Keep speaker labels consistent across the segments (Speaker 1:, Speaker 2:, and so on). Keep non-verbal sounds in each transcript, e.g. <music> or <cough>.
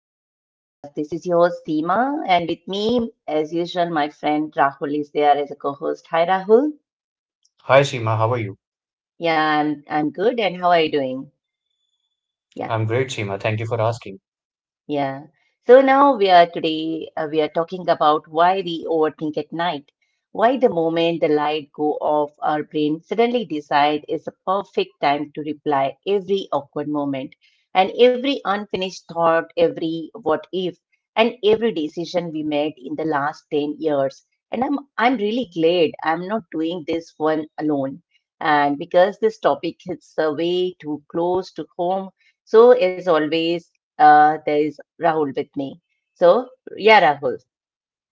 Speaker 1: to our new podcast. This is your host Seema, and with me, as usual, my friend Rahul is there as a co-host. Hi Rahul.
Speaker 2: Hi Seema, how are you?
Speaker 1: Yeah, I'm good. And how are you doing? Yeah.
Speaker 2: I'm great, Seema. Thank you for asking.
Speaker 1: Yeah. So now we are today we are talking about why we overthink at night. Why the moment the light go off, our brain suddenly decide it's a perfect time to reply every awkward moment and every unfinished thought, every what if, and every decision we made in the last 10 years. And I'm really glad I'm not doing this one alone. And because this topic hits way too close to home, so as always there is Rahul with me. So, yeah, Rahul,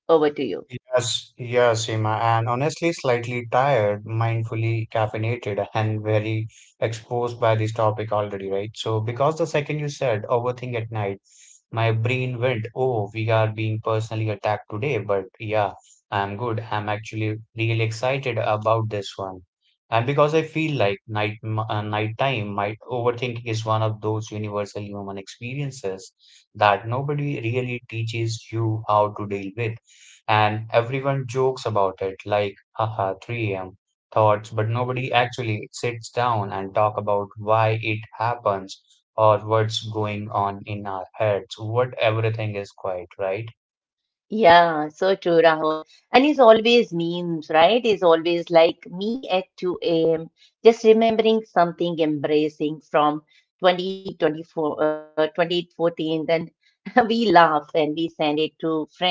Speaker 1: over to you.
Speaker 2: Yes, yeah, Seema, and honestly, slightly tired, mindfully caffeinated, and very exposed by this topic already, right? So, because the second you said overthink at night. My brain went, oh, we are being personally attacked today, but yeah, I'm good. I'm actually really excited about this one. And because I feel like nighttime might overthinking is one of those universal human experiences that nobody really teaches you how to deal with. And everyone jokes about it, like, haha, 3 a.m. thoughts, but nobody actually sits down and talk about why it happens or what's going on in our heads, what everything is quiet, right?
Speaker 1: Yeah, so true, Rahul. And he's always memes, right? He's always like me at 2 a.m., just remembering something embracing from 2014. Then <laughs> we laugh and we send it to friends.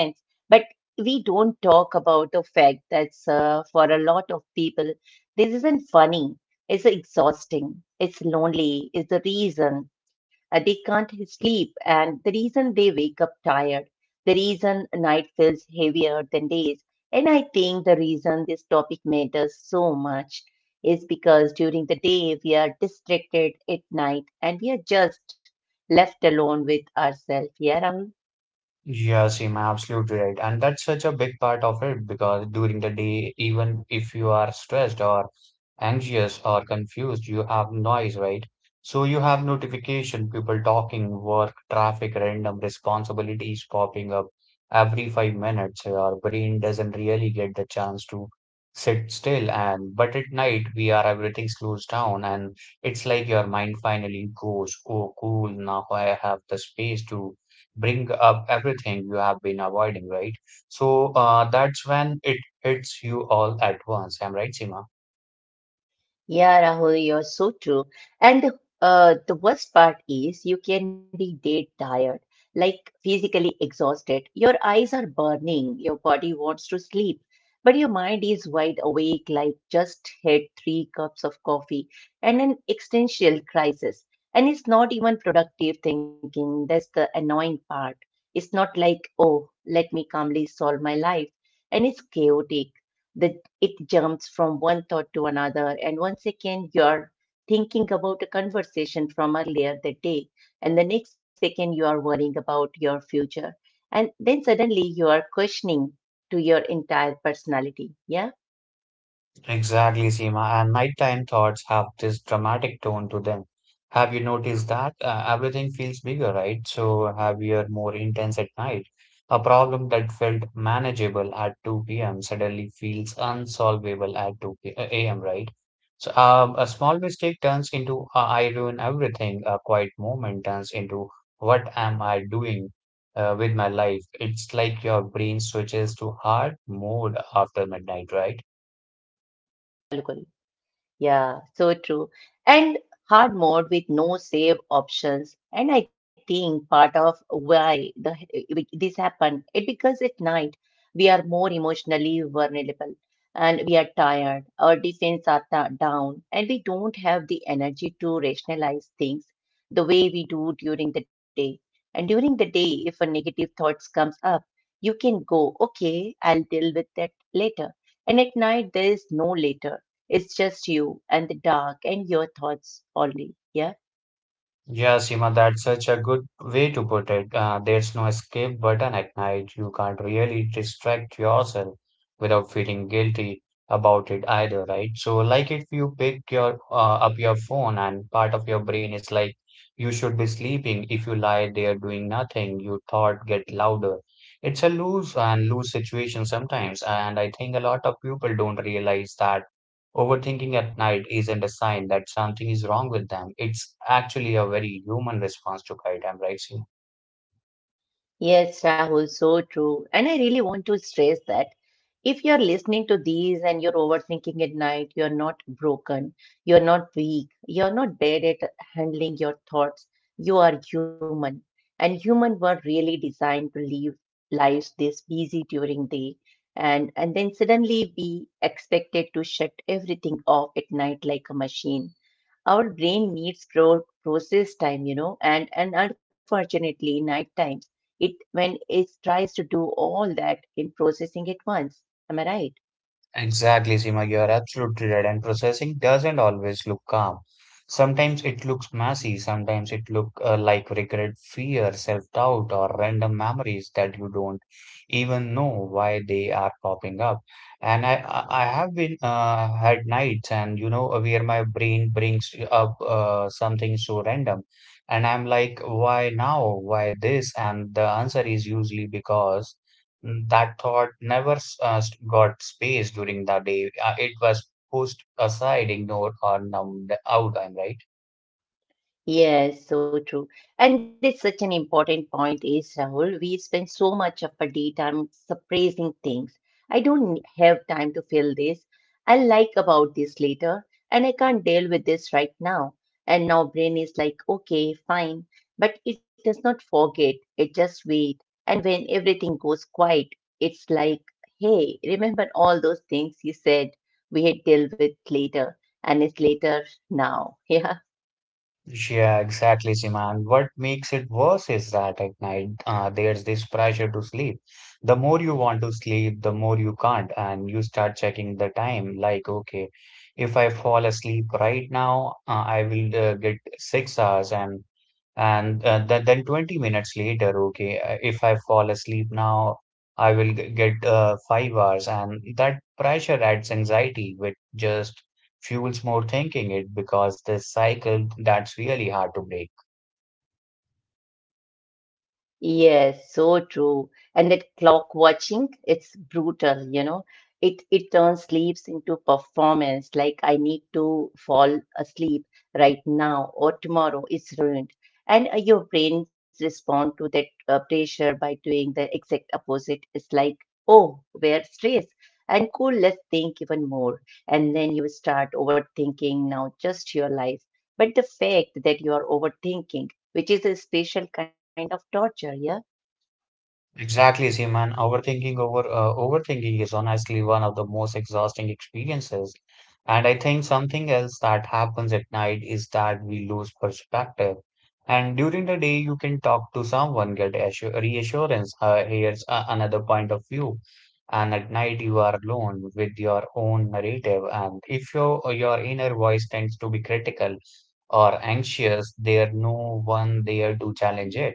Speaker 1: We don't talk about the fact that for a lot of people, this isn't funny. It's exhausting. It's lonely. It's the reason they can't sleep, and the reason they wake up tired. The reason night feels heavier than days. And I think the reason this topic matters so much is because during the day we are distracted at night and we are just left alone with ourselves. Yeah, Rahul?
Speaker 2: Yes, Yeah, Seema, absolutely right. And that's such a big part of it because during the day, even if you are stressed or anxious or confused, you have noise, right? So you have notification, people talking, work, traffic, random responsibilities popping up every 5 minutes. Our brain doesn't really get the chance to sit still. And but at night, we are everything slows down, and it's like your mind finally goes, "Oh, cool, now I have the space to" bring up everything you have been avoiding, right? So that's when it hits you all at once. Am I right, Seema?
Speaker 1: Yeah, Rahul, you're so true. And the worst part is you can be dead tired, like physically exhausted. Your eyes are burning, your body wants to sleep, but your mind is wide awake, like just had three cups of coffee and an existential crisis. And it's not even productive thinking. That's the annoying part. It's not like, oh, let me calmly solve my life. And it's chaotic. The It jumps from one thought to another, and one second you're thinking about a conversation from earlier that day, and the next second you are worrying about your future, and then suddenly you are questioning to your entire personality. Yeah,
Speaker 2: Exactly, Seema. And nighttime thoughts have this dramatic tone to them. Have you noticed that? Everything feels bigger, right? So heavier, more intense at night. A problem that felt manageable at 2 p.m. suddenly feels unsolvable at 2 a.m., right? A small mistake turns into I ruin everything. A quiet moment turns into what am I doing with my life? It's like your brain switches to hard mode after midnight, right?
Speaker 1: चालू करो. Yeah, so true. And hard mode with no save options. And I think part of why this happened, it because at night we are more emotionally vulnerable and we are tired, our defense are down, and we don't have the energy to rationalize things the way we do during the day. And during the day, if a negative thoughts comes up, you can go, okay, I'll deal with that later. And at night, there is no later. It's just you and the dark and your thoughts only, yeah?
Speaker 2: Yeah, Seema, that's such a good way to put it. There's no escape button at night. You can't really distract yourself without feeling guilty about it either, right? So, like if you pick your up your phone and part of your brain is like, you should be sleeping. If you lie there doing nothing, your thought get louder. It's a lose and lose situation sometimes, and I think a lot of people don't realize that overthinking at night isn't a sign that something is wrong with them. It's actually a very human response to quiet. I right, Seema?
Speaker 1: Yes, Rahul, so true. And I really want to stress that if you're listening to these and you're overthinking at night, you're not broken, you're not weak, you're not bad at handling your thoughts. You are human. And human were really designed to live lives this busy during day. And then suddenly be expected to shut everything off at night like a machine. Our brain needs pro process time, you know, and unfortunately, night time it when it tries to do all that in processing at once. Am I right?
Speaker 2: Exactly, Seema, you are absolutely right. And processing doesn't always look calm. Sometimes it looks messy, sometimes it look like regret, fear, self-doubt, or random memories that you don't even know why they are popping up. And I have been had nights, and you know, where my brain brings up something so random, and I'm like, why now? Why this? And the answer is usually because. That thought never got space during the day. It was pushed aside, ignored, or numbed out. I'm right.
Speaker 1: Yes, so true. And it's such an important point is Rahul, we spend so much of our daytime suppressing things. I don't have time to feel this. I like about this later and I can't deal with this right now. And now brain is like, okay, fine, but it does not forget. It just wait. And when everything goes quiet, it's like, hey, remember all those things you said we had dealt with later and it's later now. <laughs> Yeah.
Speaker 2: Yeah, exactly, Sima. And what makes it worse is that at night, there's this pressure to sleep. The more you want to sleep, the more you can't, and you start checking the time. Like, okay, if I fall asleep right now, I will get 6 hours, and th then 20 minutes later, okay, if I fall asleep now, I will get 5 hours. And that pressure adds anxiety, which just fuels more thinking it because this cycle that's really hard to break.
Speaker 1: Yes, so true. And that clock watching, it's brutal, you know. It turns sleeps into performance, like I need to fall asleep right now or tomorrow is ruined. And your brains respond to that pressure by doing the exact opposite. It's like, oh, we're stressed and cool, let's think even more. And then you start overthinking now just your life. But the fact that you are overthinking, which is a special kind of torture, yeah.
Speaker 2: Exactly, same and overthinking is honestly one of the most exhausting experiences. And I think something else that happens at night is that we lose perspective. And during the day, you can talk to someone, get reassurance. Here's a another point of view. And at night, you are alone with your own narrative. And if your inner voice tends to be critical or anxious, there no one there to challenge it.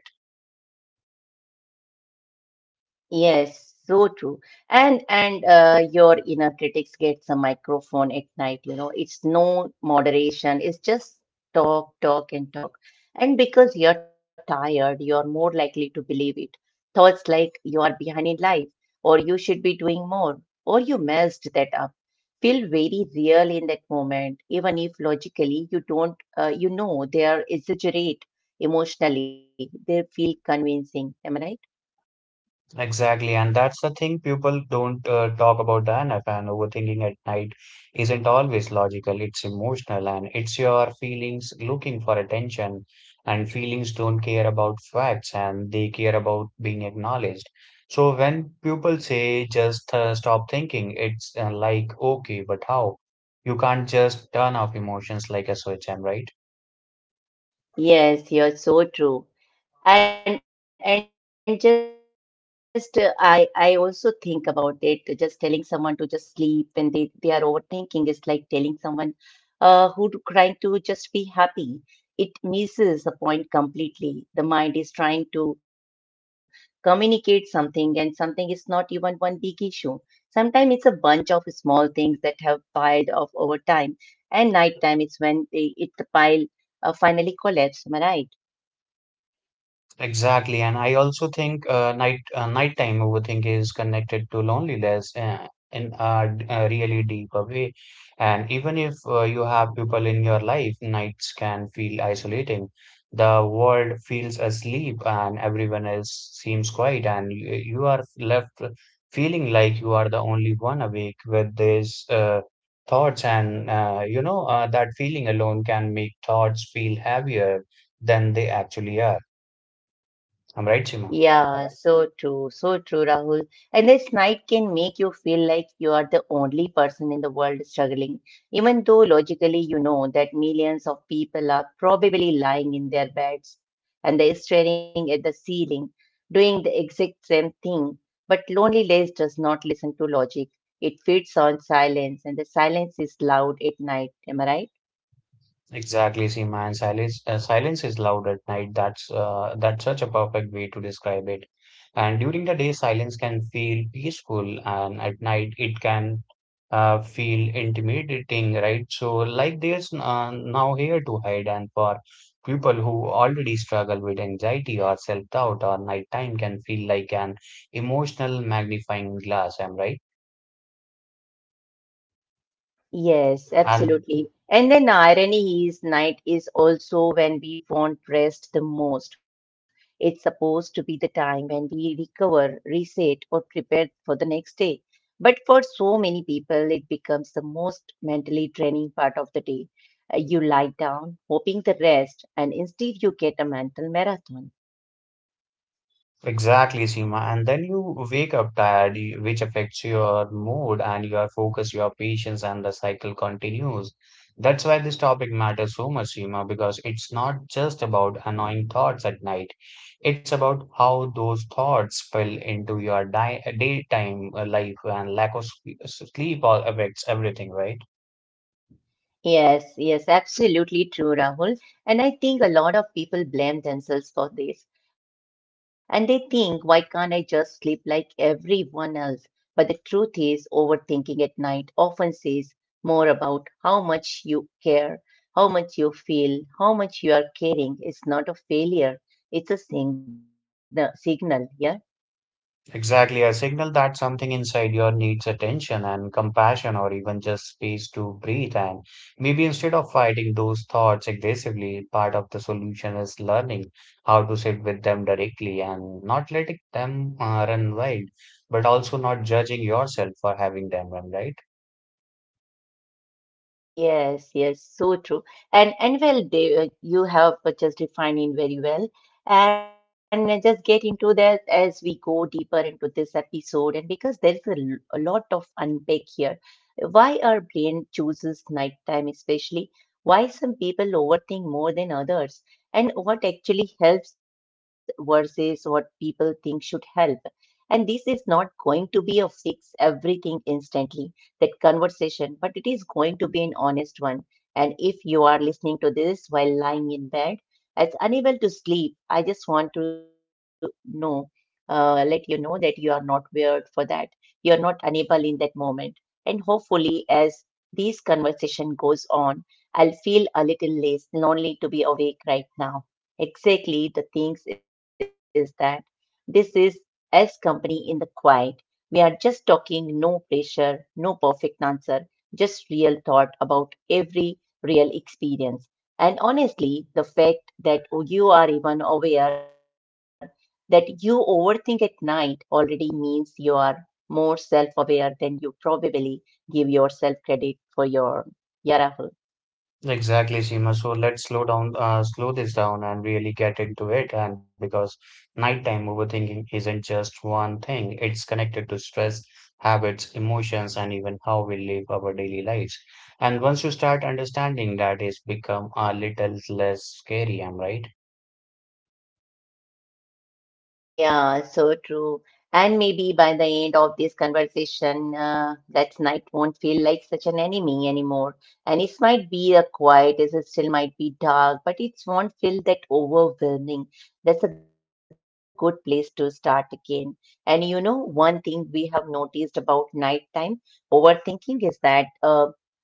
Speaker 1: Yes, so true. And Your inner critics gets a microphone at night, you know. It's no moderation. It's just talk, talk and talk. And because you're tired, you're more likely to believe it. Thoughts like you are behind in life or you should be doing more or you messed that up feel very real in that moment, even if logically you don't, you know, they are exaggerate emotionally. They feel convincing. Am I right?
Speaker 2: Exactly, and that's the thing people don't talk about the and overthinking at night isn't always logical, it's emotional and it's your feelings looking for attention and feelings don't care about facts and they care about being acknowledged. So when people say just stop thinking, it's like okay, but how? You can't just turn off emotions like a switch, am I right?
Speaker 1: Yes, you're so true. And just I also think about it. Just telling someone to just sleep when they are overthinking is like telling someone who trying to just be happy. It misses the point completely. The mind is trying to communicate something, and something is not even one big issue. Sometimes it's a bunch of small things that have piled up over time, and nighttime is when the pile finally collapse. Am I right?
Speaker 2: Exactly, and I also think nighttime overthink is connected to loneliness in a, a really deep a way. And even if you have people in your life, nights can feel isolating. The world feels asleep, and everyone else seems quiet, and you are left feeling like you are the only one awake with these thoughts. And you know that feeling alone can make thoughts feel heavier than they actually are. I'm right, Seema.
Speaker 1: Yeah, so true, Rahul. And this night can make you feel like you are the only person in the world struggling, even though logically you know that millions of people are probably lying in their beds and they're staring at the ceiling, doing the exact same thing. But loneliness does not listen to logic. It feeds on silence, and the silence is loud at night. Am I right?
Speaker 2: Exactly, Seema. And silence, silence is loud at night. That's such a perfect way to describe it. And during the day, silence can feel peaceful, and at night, it can feel intimidating, right? So, like there's now here to hide, and for people who already struggle with anxiety or self-doubt, or nighttime can feel like an emotional magnifying glass. I'm right.
Speaker 1: Yes,
Speaker 2: And
Speaker 1: absolutely. And then irony is night is also when we want rest the most. It's supposed to be the time when we recover, reset, or prepare for the next day. But for so many people, it becomes the most mentally draining part of the day. You lie down, hoping the rest, and instead you get a mental marathon.
Speaker 2: exactly, Seema. And then you wake up tired, which affects your mood and your focus, your patience, and the cycle continues. That's why this topic matters so much, Seema, because it's not just about annoying thoughts at night. It's about how those thoughts spill into your di daytime life and lack of sleep all affects everything, right?
Speaker 1: Yes, yes, absolutely true, Rahul. And I think a lot of people blame themselves for this. And they think, why can't I just sleep like everyone else? But the truth is, overthinking at night often says more about how much you care, how much you feel, how much you are caring. It's not a failure, it's a sign signal. Yeah.
Speaker 2: Exactly, a signal that something inside you needs attention and compassion or even just space to breathe. And maybe instead of fighting those thoughts aggressively, part of the solution is learning how to sit with them directly and not letting them run wild, but also not judging yourself for having them run, right?
Speaker 1: Yes, yes, so true. And well, they, you have just defined it very well. And just get into that as we go deeper into this episode, and because there is a lot of unpack here. Why our brain chooses nighttime, especially why some people overthink more than others, and what actually helps versus what people think should help. And this is not going to be a fix everything instantly that conversation, but it is going to be an honest one. And if you are listening to this while lying in bed as unable to sleep, I just want to know, let you know that you are not weird for that. You are not unable in that moment. And hopefully, as this conversation goes on, I'll feel a little less lonely to be awake right now. Exactly the things is that this is as company in the quiet. We are just talking, no pressure, no perfect answer, just real thought about every real experience. And honestly, the fact that you are even aware that you overthink at night already means you are more self aware than you probably give yourself credit for your. Yeah, Rahul.
Speaker 2: Exactly, Seema. So let's slow this down and really get into it. And because nighttime overthinking isn't just one thing, it's connected to stress, habits, emotions, and even how we live our daily lives. And once you start understanding that, it's become a little less scary, am I right?
Speaker 1: Yeah, so true. And maybe by the end of this conversation, that night won't feel like such an enemy anymore. And it might be a quiet, it still might be dark, but it won't feel that overwhelming. That's a good place to start again. And you know, one thing we have noticed about nighttime overthinking is that uh,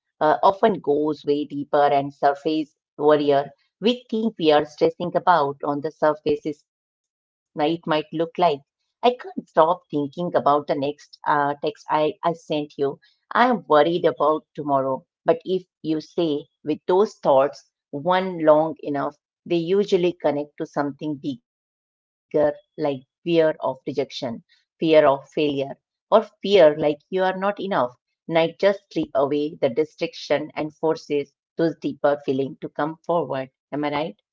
Speaker 1: uh, often goes way deeper and surface warrior we think we are stressing about on the surface is night might look like I can't stop thinking about the next text I sent you I am worried about tomorrow but if you say with those thoughts one long enough they usually connect to something bigger like fear of rejection fear of failure or fear like you are not enough Nitrous strips away the distraction and forces those deeper feelings to come forward. Am I right?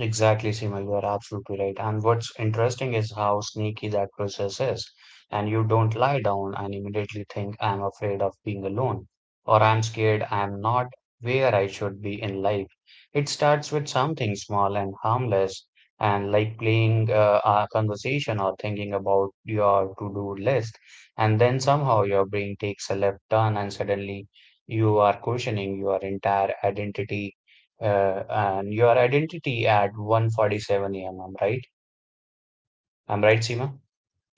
Speaker 2: Exactly, Seema, you are absolutely right. And what's interesting is how sneaky that process is. And you don't lie down and immediately think, I'm afraid of being alone, or I'm scared I'm not where I should be in life. It starts with something small and harmless, and like playing a conversation or thinking about your to-do list. And then somehow your brain takes a left turn, and suddenly you are questioning your entire identity and your identity at 1:47 a.m. am right? I'm right, Seema?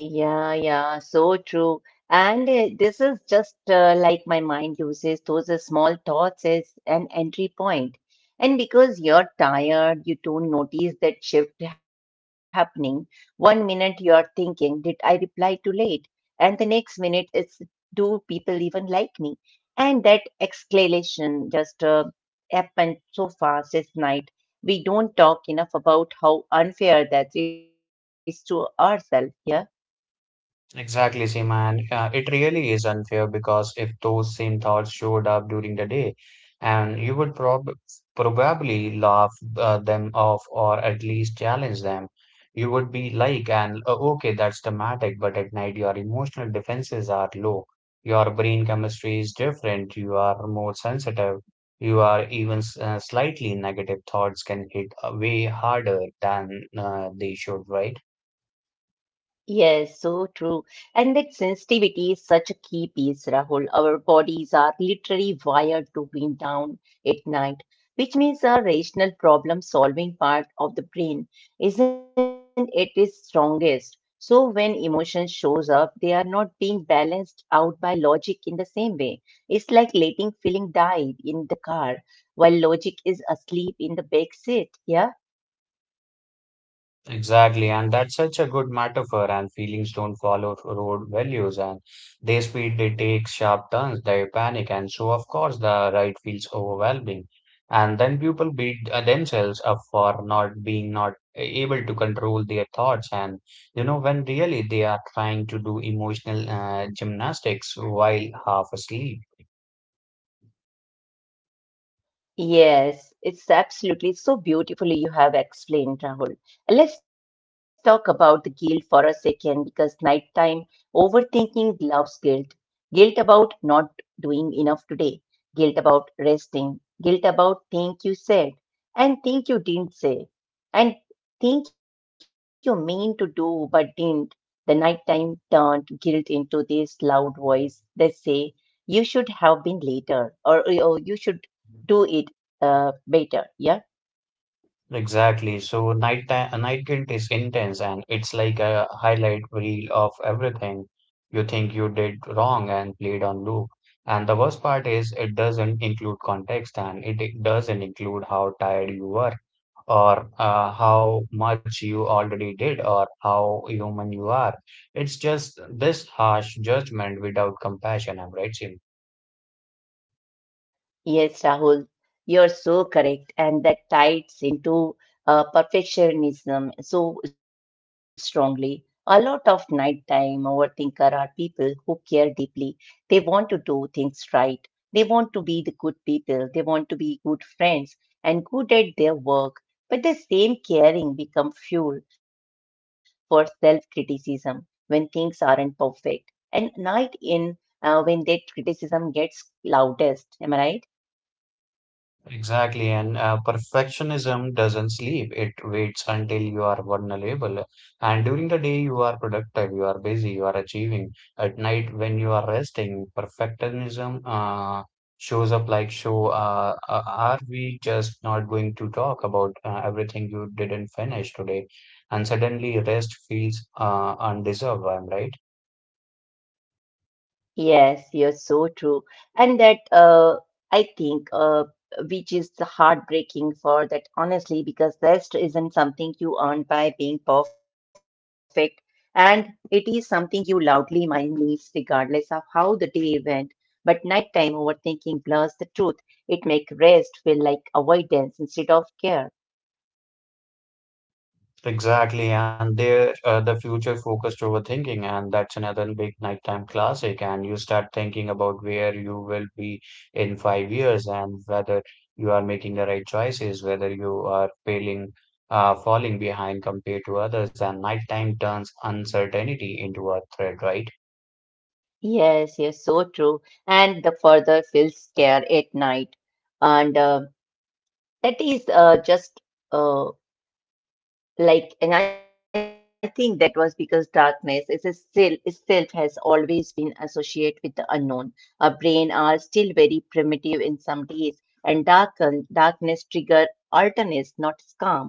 Speaker 1: Yeah, yeah, so true. And this is just like my mind uses those small thoughts as an entry point. And because you're tired, you don't notice that shift happening. One minute you're thinking, did I reply too late? And the next minute it's, do people even like me? And that exclamation just happened so fast this night. We don't talk enough about how unfair that is to ourselves. Yeah.
Speaker 2: Exactly, same, and it really is unfair because if those same thoughts showed up during the day, and you would probably laugh them off or at least challenge them, you would be like, and okay, that's dramatic, but at night your emotional defenses are low. Your brain chemistry is different. You are more sensitive. You are even slightly negative thoughts can hit way harder than they should, right?
Speaker 1: Yes, so true. And that sensitivity is such a key piece, Rahul. Our bodies are literally wired to wind down at night, which means our rational problem solving part of the brain isn't at its strongest. So when emotion shows up, they are not being balanced out by logic in the same way. It's like letting feeling die in the car while logic is asleep in the back seat. Yeah.
Speaker 2: Exactly, and that's such a good metaphor. And feelings don't follow road values, and they speed, they take sharp turns, they panic, and so of course the right feels overwhelming. And then people beat themselves up for not being not able to control their thoughts, and you know when really they are trying to do emotional gymnastics while half asleep.
Speaker 1: Yes, it's absolutely so beautifully you have explained, Rahul. Let's talk about the guilt for a second because nighttime overthinking loves guilt. Guilt about not doing enough today, guilt about resting, guilt about things you said and things you didn't say, and think you mean to do but didn't. The nighttime turned guilt into this loud voice that say, you should have been later or you should do it better. Yeah.
Speaker 2: Exactly. So night guilt is intense and it's like a highlight reel of everything you think you did wrong and played on loop. And the worst part is it doesn't include context and it doesn't include how tired you were or how much you already did or how human you are. It's just this harsh judgment without compassion. I'm right, Simran?
Speaker 1: Yes, Rahul, you're so correct. And that ties into perfectionism so strongly. A lot of nighttime overthinker are people who care deeply. They want to do things right. They want to be the good people. They want to be good friends and good at their work. But the same caring become fuel for self-criticism when things aren't perfect. And night in, when that criticism gets loudest, am I right?
Speaker 2: Exactly, and perfectionism doesn't sleep. It waits until you are vulnerable. And during the day, you are productive, you are busy, you are achieving. At night, when you are resting, perfectionism shows up like, are we just not going to talk about everything you didn't finish today? And suddenly, rest feels undeserved, one, right?
Speaker 1: Yes, you're so true. And that I think which is the heartbreaking for that honestly, because rest isn't something you earn by being perfect, and it is something you loudly mind leaves regardless of how the day went. But nighttime overthinking blurs the truth. It makes rest feel like avoidance instead of care.
Speaker 2: Exactly, and there the future focused overthinking, and that's another big nighttime classic. And you start thinking about where you will be in 5 years and whether you are making the right choices, whether you are failing, falling behind compared to others. And nighttime turns uncertainty into a threat, right?
Speaker 1: Yes, you're so true. And the further feels care at night, and that is just. Uh, Like, and I think that was because darkness is a still itself has always been associated with the unknown. Our brain are still very primitive in some days, and darkness trigger alternates, not calm.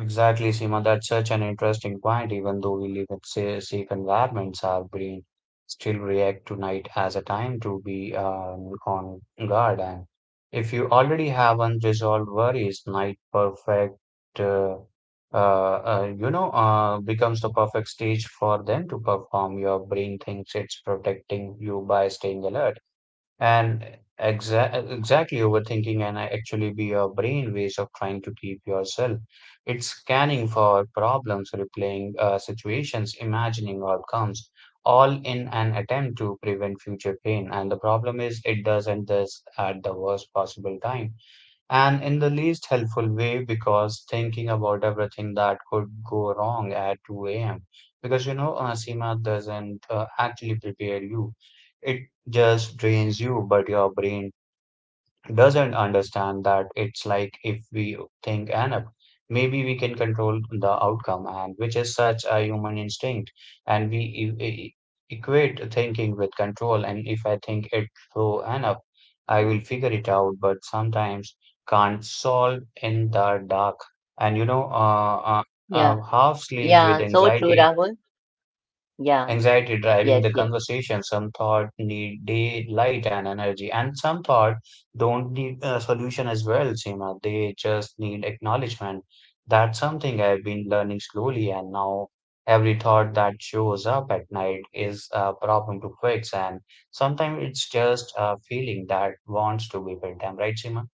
Speaker 2: Exactly, Seema. That's such an interesting point. Even though we live in safe environments, our brain still react to night as a time to be on guard. And if you already have unresolved worries, night uh, becomes the perfect stage for them to perform. Your brain thinks it's protecting you by staying alert. And exactly overthinking can actually be your brain ways of trying to keep yourself. It's scanning for problems, replaying situations, imagining outcomes, all in an attempt to prevent future pain. And the problem is, it does and this at the worst possible time and in the least helpful way because thinking about everything that could go wrong at 2 a.m. Because Seema doesn't actually prepare you, it just drains you, but your brain doesn't understand that it's like if we think enough, maybe we can control the outcome, and which is such a human instinct. And we equate thinking with control. And if I think it through enough, I will figure it out. But sometimes can't solve in the dark. And
Speaker 1: Yeah, yeah,
Speaker 2: half
Speaker 1: so
Speaker 2: sleep
Speaker 1: true,
Speaker 2: with
Speaker 1: Rahul.
Speaker 2: anxiety
Speaker 1: Yeah,
Speaker 2: anxiety
Speaker 1: yes, yes.
Speaker 2: driving the conversation. Some thought need daylight and energy, and some thought don't need a solution as well, Seema. They just need acknowledgement. That's something I've been learning slowly, and now every thought that shows up at night is a problem to fix. And sometimes it's just a feeling that wants to be built. Am I right, Seema?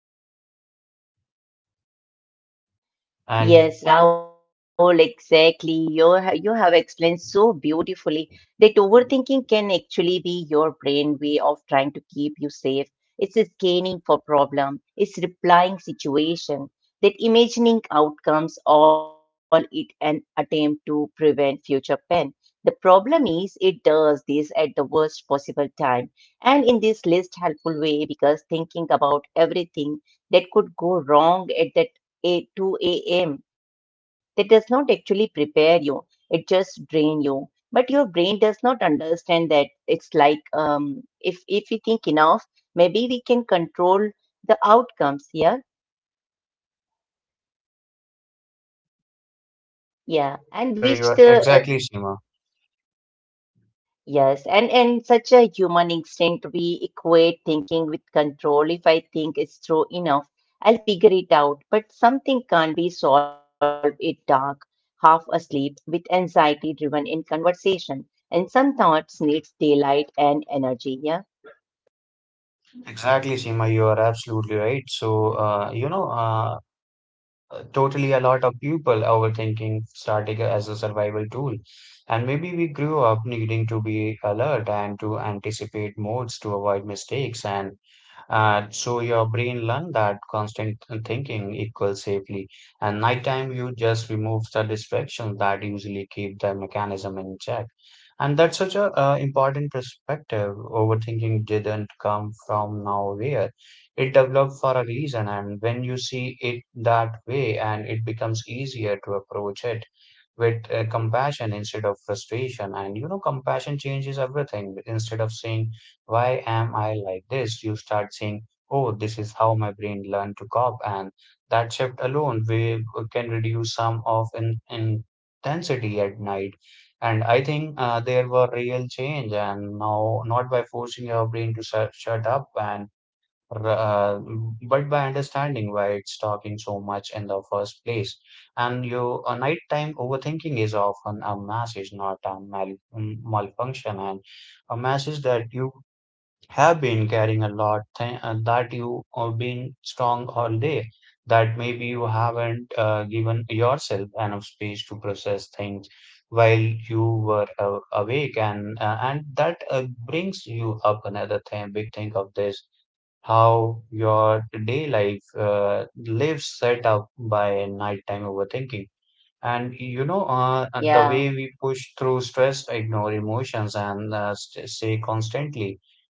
Speaker 2: And
Speaker 1: Yes, Rahul, exactly. You have explained so beautifully that overthinking can actually be your brain way of trying to keep you safe. It's a scanning for problem. It's replying situation. That imagining outcomes, all it an attempt to prevent future pain. The problem is it does this at the worst possible time and in this least helpful way because thinking about everything that could go wrong at that a 2 a.m. That does not actually prepare you. It just drain you. But your brain does not understand that it's like if we think enough, maybe we can control the outcomes here. Yeah, and
Speaker 2: Seema,
Speaker 1: which
Speaker 2: you are
Speaker 1: the.
Speaker 2: exactly Seema.
Speaker 1: Yes, and such a human instinct we equate thinking with control. If I think it's true enough, I'll figure it out. But something can't be solved it dark, half asleep, with anxiety driven in conversation. And some thoughts needs daylight and energy. Yeah,
Speaker 2: Exactly, Seema, you are absolutely right. So, totally a lot of people overthinking started as a survival tool. And maybe we grew up needing to be alert and to anticipate modes to avoid mistakes and so your brain learned that constant thinking equals safely. And nighttime, you just remove the distractions that usually keep the mechanism in check. And that's such a important perspective. Overthinking didn't come from nowhere. It developed for a reason. And when you see it that way, and it becomes easier to approach it with compassion instead of frustration. And you know, compassion changes everything. Instead of saying, why am I like this? You start saying, oh, this is how my brain learned to cope. And that shift alone we can reduce some of in intensity at night. And I think there were real change. And now, not by forcing your brain to shut up and r- uh, but by understanding why it's talking so much in the first place. And you, nighttime overthinking is often a message, not a malfunction. And a message that you have been carrying a lot that you are being strong all day that maybe you haven't given yourself enough space to process things while you were awake and that brings you up another thing big thing of this, how your day life lives set up by nighttime overthinking. And
Speaker 1: yeah,
Speaker 2: the way we push through stress, ignore emotions, and st stay constantly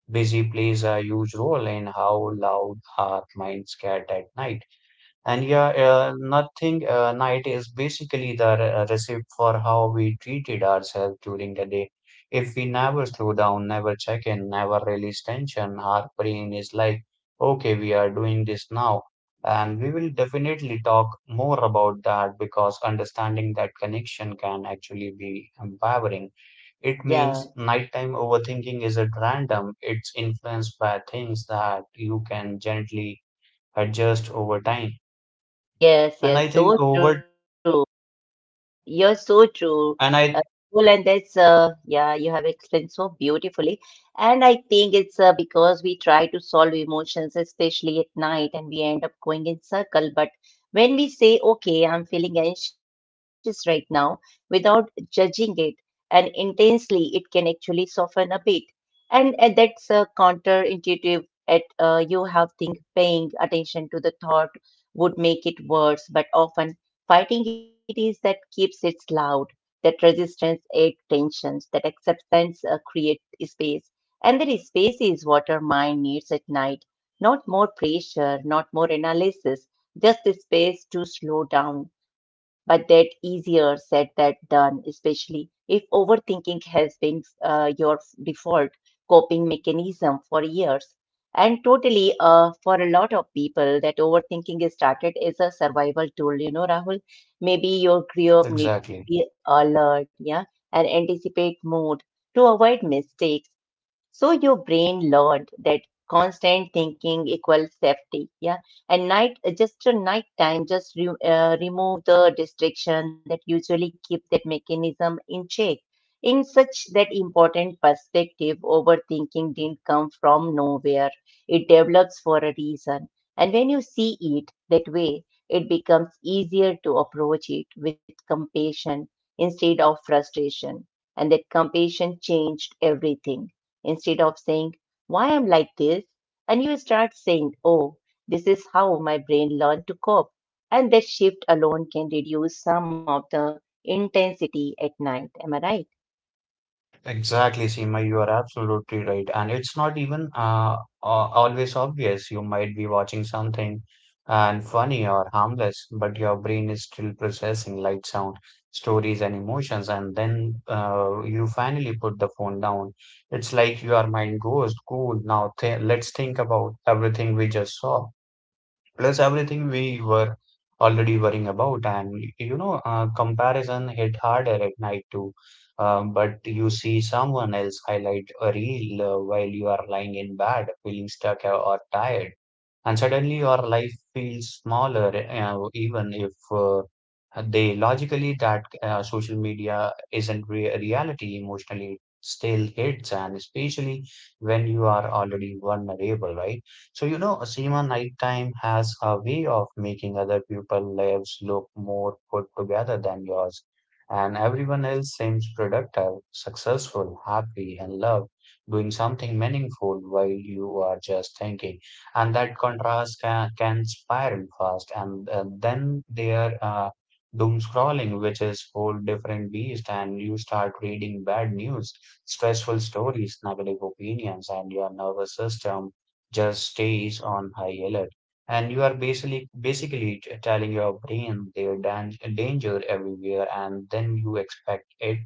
Speaker 2: busy plays a huge role in how loud our minds get at night. And yeah, nothing night is basically the recipe for how we treated ourselves during the day. If we never slow down, never check in, never release tension, our brain is like, okay, we are doing this now. And we will definitely talk more about that because understanding that connection can actually be empowering. It
Speaker 1: yeah.
Speaker 2: means nighttime overthinking isn't random, it's influenced by things that you can gently adjust over time.
Speaker 1: Yes,
Speaker 2: And I
Speaker 1: yes,
Speaker 2: think
Speaker 1: so
Speaker 2: over,
Speaker 1: true. You're so true.
Speaker 2: and
Speaker 1: Uh,
Speaker 2: I,
Speaker 1: well, and that's yeah, you have explained so beautifully. And I think it's because we try to solve emotions, especially at night, and we end up going in circle. But when we say, "Okay, I'm feeling anxious right now," without judging it and intensely, it can actually soften a bit. And that's counterintuitive. At You have think paying attention to the thought would make it worse, but often fighting it is that keeps it loud, that resistance aids tensions, that acceptance create space. And that space is what our mind needs at night. Not more pressure, not more analysis, just the space to slow down. But that easier said than done, especially if overthinking has been your default coping mechanism for years. And totally, for a lot of people, that overthinking is started is a survival tool. You know, Rahul, maybe you grew up need to
Speaker 2: exactly,
Speaker 1: be alert, yeah, and anticipate mood to avoid mistakes. So your brain learned that constant thinking equals safety. Yeah. And night, just a night time, just remove the distraction that usually keep that mechanism in check. In such that important perspective, overthinking didn't come from nowhere. It develops for a reason. And when you see it that way, it becomes easier to approach it with compassion instead of frustration. And that compassion changed everything. Instead of saying, why I'm like this, and you start saying, oh, this is how my brain learned to cope. And that shift alone can reduce some of the intensity at night. Am I right?
Speaker 2: exactly, Seema, you are absolutely right. And it's not even always obvious. You might be watching something and funny or harmless, but your brain is still processing light, sound, stories, and emotions. And then you finally put the phone down. It's like your mind goes, cool, now th let's think about everything we just saw, plus everything we were already worrying about. And comparison hit harder at night too. But you see someone else highlight a reel while you are lying in bed feeling stuck or tired, and suddenly your life feels smaller. Even if they logically that social media isn't reality, emotionally it still hits, and especially when you are already vulnerable, right? So you know, Seema, nighttime has a way of making other people's lives look more put together than yours, and everyone else seems productive, successful, happy, and loved, doing something meaningful while you are just thinking. And that contrast can spiral fast. And then there doom scrolling, which is whole different beast, and you start reading bad news, stressful stories, negative opinions, and your nervous system just stays on high alert. And you are basically telling your brain there's danger everywhere, and then you expect it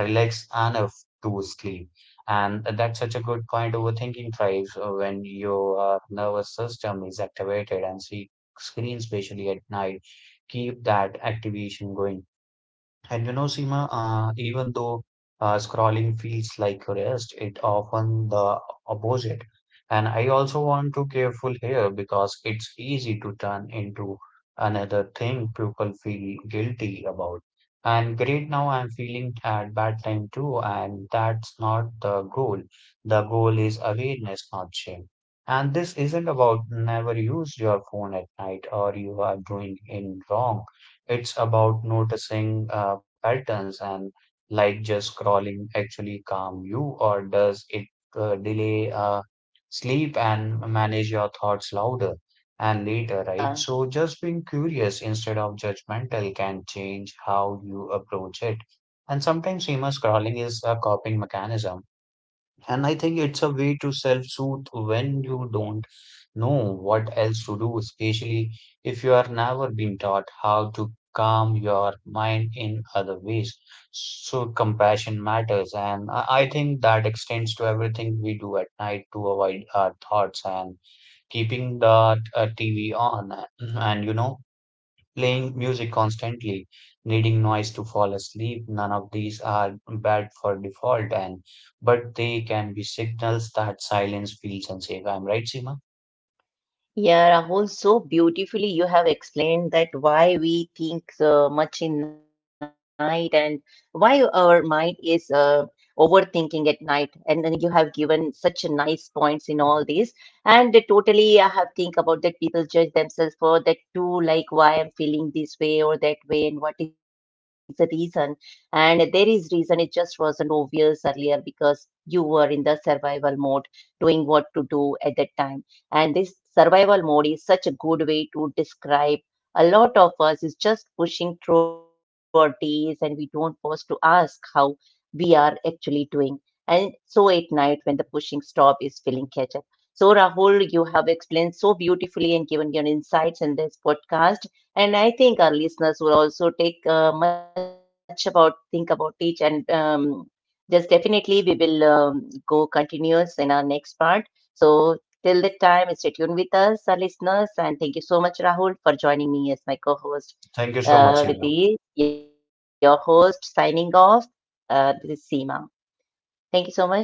Speaker 2: relax enough to sleep. And that's such a good point. Overthinking thrives when your nervous system is activated, and see, screens, especially at night, keep that activation going. And you know, Seema, even though scrolling feels like rest, it often the opposite. And I also want to careful here because it's easy to turn into another thing people feel guilty about. And great, now I'm feeling at bad time too, and that's not the goal. The goal is awareness, not shame. And this isn't about never use your phone at night or you are doing it wrong. It's about noticing patterns, and like, just scrolling actually calm you, or does it delay sleep and manage your thoughts louder and later, right?
Speaker 1: Yeah.
Speaker 2: So just being curious instead of judgmental can change how you approach it. And sometimes, you know, scrolling is a coping mechanism, and I think it's a way to self-soothe when you don't know what else to do, especially if you are never been taught how to calm your mind in other ways. So compassion matters, and I think that extends to everything we do at night to avoid our thoughts, and keeping the TV on. And you know, playing music constantly, needing noise to fall asleep. None of these are bad for default, and but they can be signals that silence feels unsafe. I'm right, Seema?
Speaker 1: Yeah, Rahul, so beautifully you have explained that why we think so much in night and why our mind is overthinking at night. And then you have given such nice points in all this. And totally, I have think about that people judge themselves for that too, like why I'm feeling this way or that way, and what is the reason. And there is reason. It just wasn't obvious earlier because you were in the survival mode, doing what to do at that time. And this survival mode is such a good way to describe a lot of us is just pushing through our days and we don't pause to ask how we are actually doing. And so at night when the pushing stop is feeling catch up. So Rahul, you have explained so beautifully and given your insights in this podcast. And I think our listeners will also take much about think about each and just definitely we will go continuous in our next part. So till that time, stay tuned with us, our listeners, and thank you so much, Rahul, for joining me as my co host.
Speaker 2: Thank you so much, Seema.
Speaker 1: Your host signing off, this is Seema. Thank you so much. Bye bye.